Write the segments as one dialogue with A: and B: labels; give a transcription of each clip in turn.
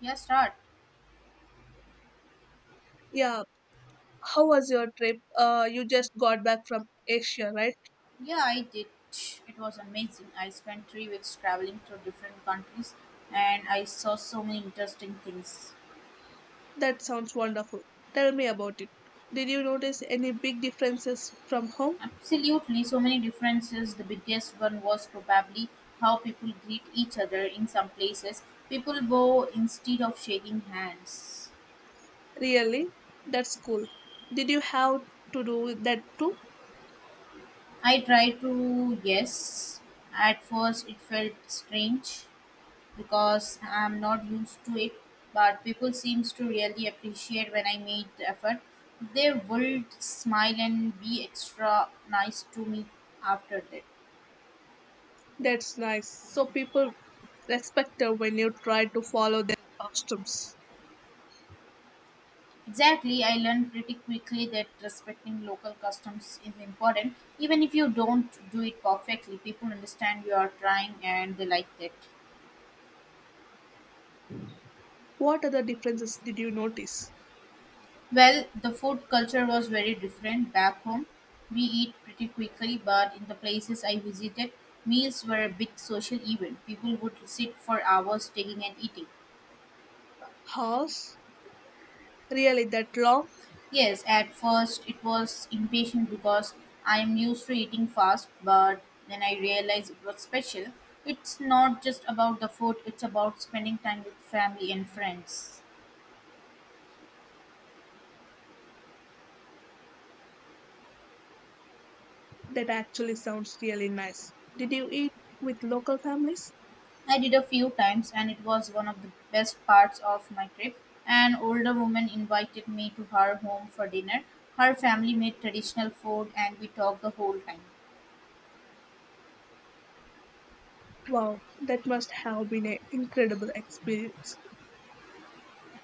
A: Yeah, start.
B: Yeah. How was your trip? You just got back from Asia, right?
A: Yeah, I did. It was amazing. I spent 3 weeks traveling through different countries, and I saw so many interesting things.
B: That sounds wonderful. Tell me about it. Did you notice any big differences from home?
A: Absolutely, so many differences. The biggest one was probably how people greet each other in some places. People bow instead of shaking hands.
B: Really? That's cool. Did you have to do that too?
A: I tried to, yes. At first, it felt strange, because I'm not used to it. But people seems to really appreciate when I made the effort. They would smile and be extra nice to me after that.
B: That's nice. So people respected when you try to follow their customs.
A: Exactly, I learned pretty quickly that respecting local customs is important. Even if you don't do it perfectly, people understand you are trying and they like that.
B: What other differences did you notice?
A: Well, the food culture was very different back home. We eat pretty quickly, but in the places I visited, meals were a big social event. People would sit for hours taking and eating.
B: House? Really that long?
A: Yes, at first it was impatient because I am used to eating fast, but then I realized it was special. It's not just about the food, it's about spending time with family and friends.
B: That actually sounds really nice. Did you eat with local families?
A: I did a few times, and it was one of the best parts of my trip. An older woman invited me to her home for dinner. Her family made traditional food, and we talked the whole time.
B: Wow, that must have been an incredible experience.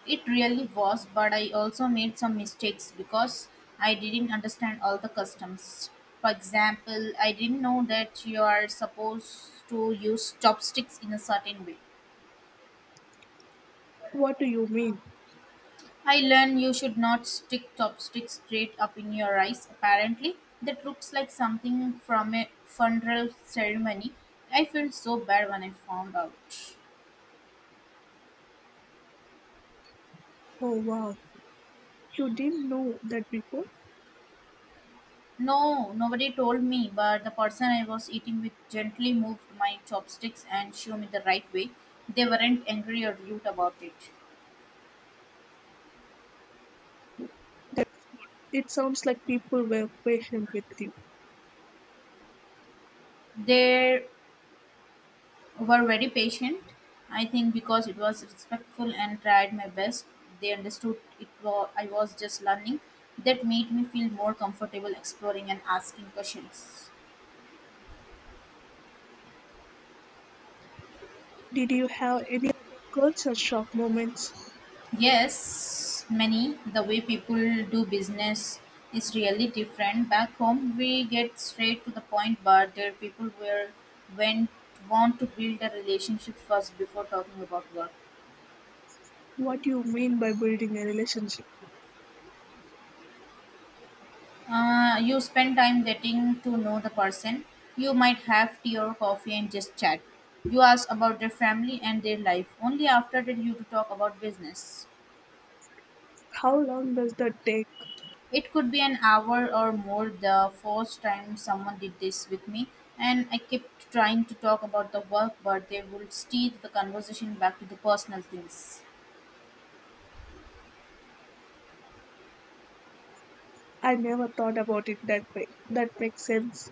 A: It really was, but I also made some mistakes because I didn't understand all the customs. For example, I didn't know that you are supposed to use chopsticks in a certain way.
B: What do you mean?
A: I learned you should not stick chopsticks straight up in your eyes, apparently. That looks like something from a funeral ceremony. I felt so bad when I found out.
B: Oh wow, you didn't know that before?
A: No, nobody told me, but the person I was eating with gently moved my chopsticks and showed me the right way. They weren't angry or rude about it.
B: That it sounds like people were patient with you.
A: They were very patient. I think because it was respectful and tried my best, they understood it was I was just learning. That made me feel more comfortable exploring and asking questions.
B: Did you have any other culture shock moments?
A: Yes, many the way people do business is really different. Back home, we get straight to the point, but there people were went want to build a relationship first before talking about work.
B: What do you mean by building a relationship?
A: You spend time getting to know the person. You might have tea or coffee and just chat. You ask about their family and their life. Only after that you to talk about business.
B: How long does that take?
A: It could be an hour or more. The first time someone did this with me, and I kept trying to talk about the work, but they would steer the conversation back to the personal things.
B: I never thought about it that way. That makes sense.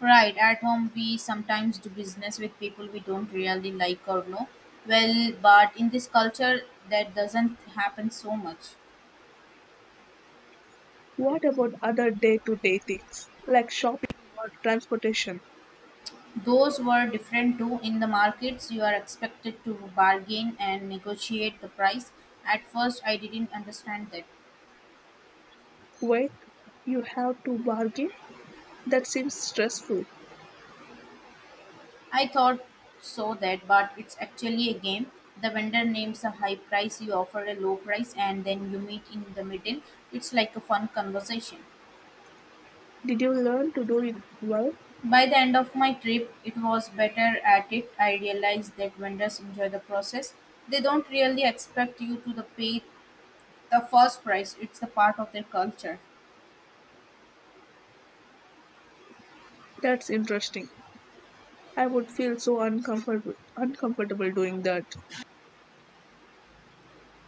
A: Right, at home we sometimes do business with people we don't really like or know. Well, but in this culture that doesn't happen so much.
B: What about other day to day things like shopping or transportation?
A: Those were different too. In the markets, you are expected to bargain and negotiate the price. At first, I didn't understand that.
B: Wait, you have to bargain? That seems stressful.
A: I thought so that, but it's actually a game. The vendor names a high price, you offer a low price, and then you meet in the middle. It's like a fun conversation.
B: Did you learn to do it well?
A: By the end of my trip, it was better at it. I realized that vendors enjoy the process. They don't really expect you to the pay the first price. It's the part of their culture.
B: That's interesting. I would feel so uncomfortable doing that.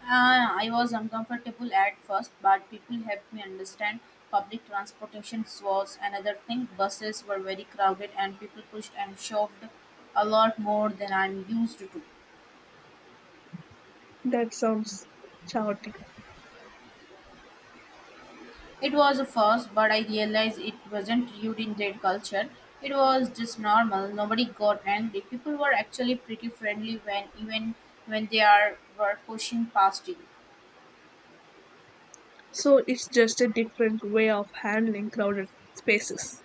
A: I was uncomfortable at first, but people helped me understand. Public transportation was another thing. Buses were very crowded, and people pushed and shoved a lot more than I'm used to.
B: That sounds chaotic.
A: It was a first, but I realized it wasn't rude in their culture. It was just normal. Nobody got angry. People were actually pretty friendly when even when they are were pushing past you.
B: So it's just a different way of handling crowded spaces.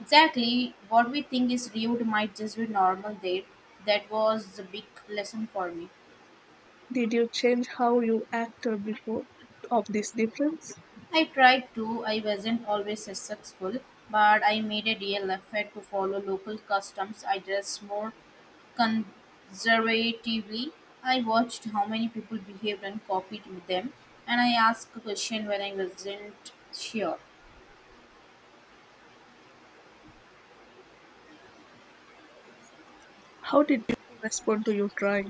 A: Exactly what we think is rude might just be normal there. That was a big lesson for me.
B: Did you change how you acted before of this difference?
A: I tried to, I wasn't always successful, but I made a real effort to follow local customs. I dressed more conservatively. I watched how many people behaved and copied them, and I asked a question when I wasn't sure.
B: How did people respond to your drawing?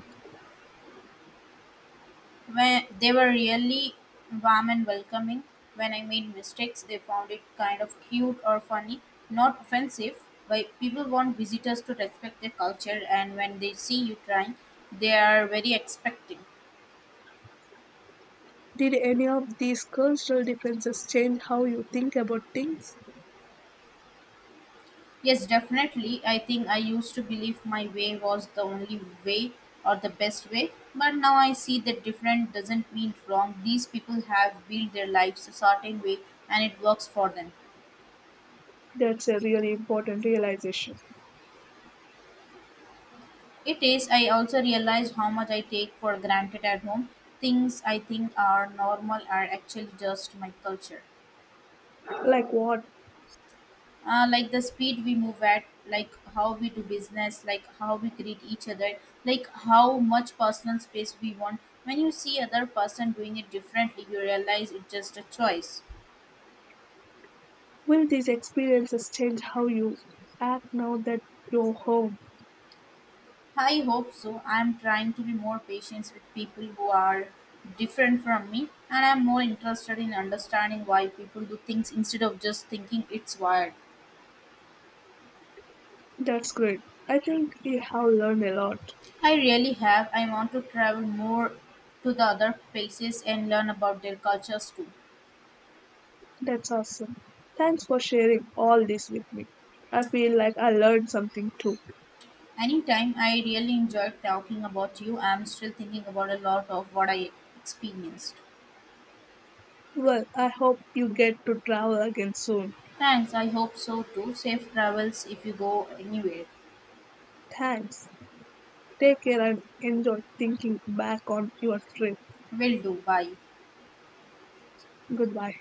A: When they were really warm and welcoming. When I made mistakes, they found it kind of cute or funny, not offensive. But people want visitors to respect their culture, and when they see you trying, they are very expecting.
B: Did any of these cultural differences change how you think about things?
A: Yes, definitely. I think I used to believe my way was the only way or the best way, but now I see that different doesn't mean wrong. These people have built their lives a certain way, and it works for them.
B: That's a really important realization.
A: It is. I also realized how much I take for granted at home. Things I think are normal are actually just my culture.
B: Like what?
A: Like the speed we move at, like how we do business, like how we greet each other, like how much personal space we want. When you see other person doing it differently, you realize it's just a choice.
B: Will these experiences change how you act now that you're home?
A: I hope so. I'm trying to be more patient with people who are different from me, and I'm more interested in understanding why people do things instead of just thinking it's wired.
B: That's great. I think you have learned a lot.
A: I really have. I want to travel more to the other places and learn about their cultures too.
B: That's awesome. Thanks for sharing all this with me. I feel like I learned something too.
A: Anytime I really enjoyed talking about you, I'm still thinking about a lot of what I experienced.
B: Well, I hope you get to travel again soon.
A: Thanks, I hope so too. Safe travels if you go anywhere.
B: Thanks. Take care and enjoy thinking back on your trip.
A: Will do. Bye.
B: Goodbye.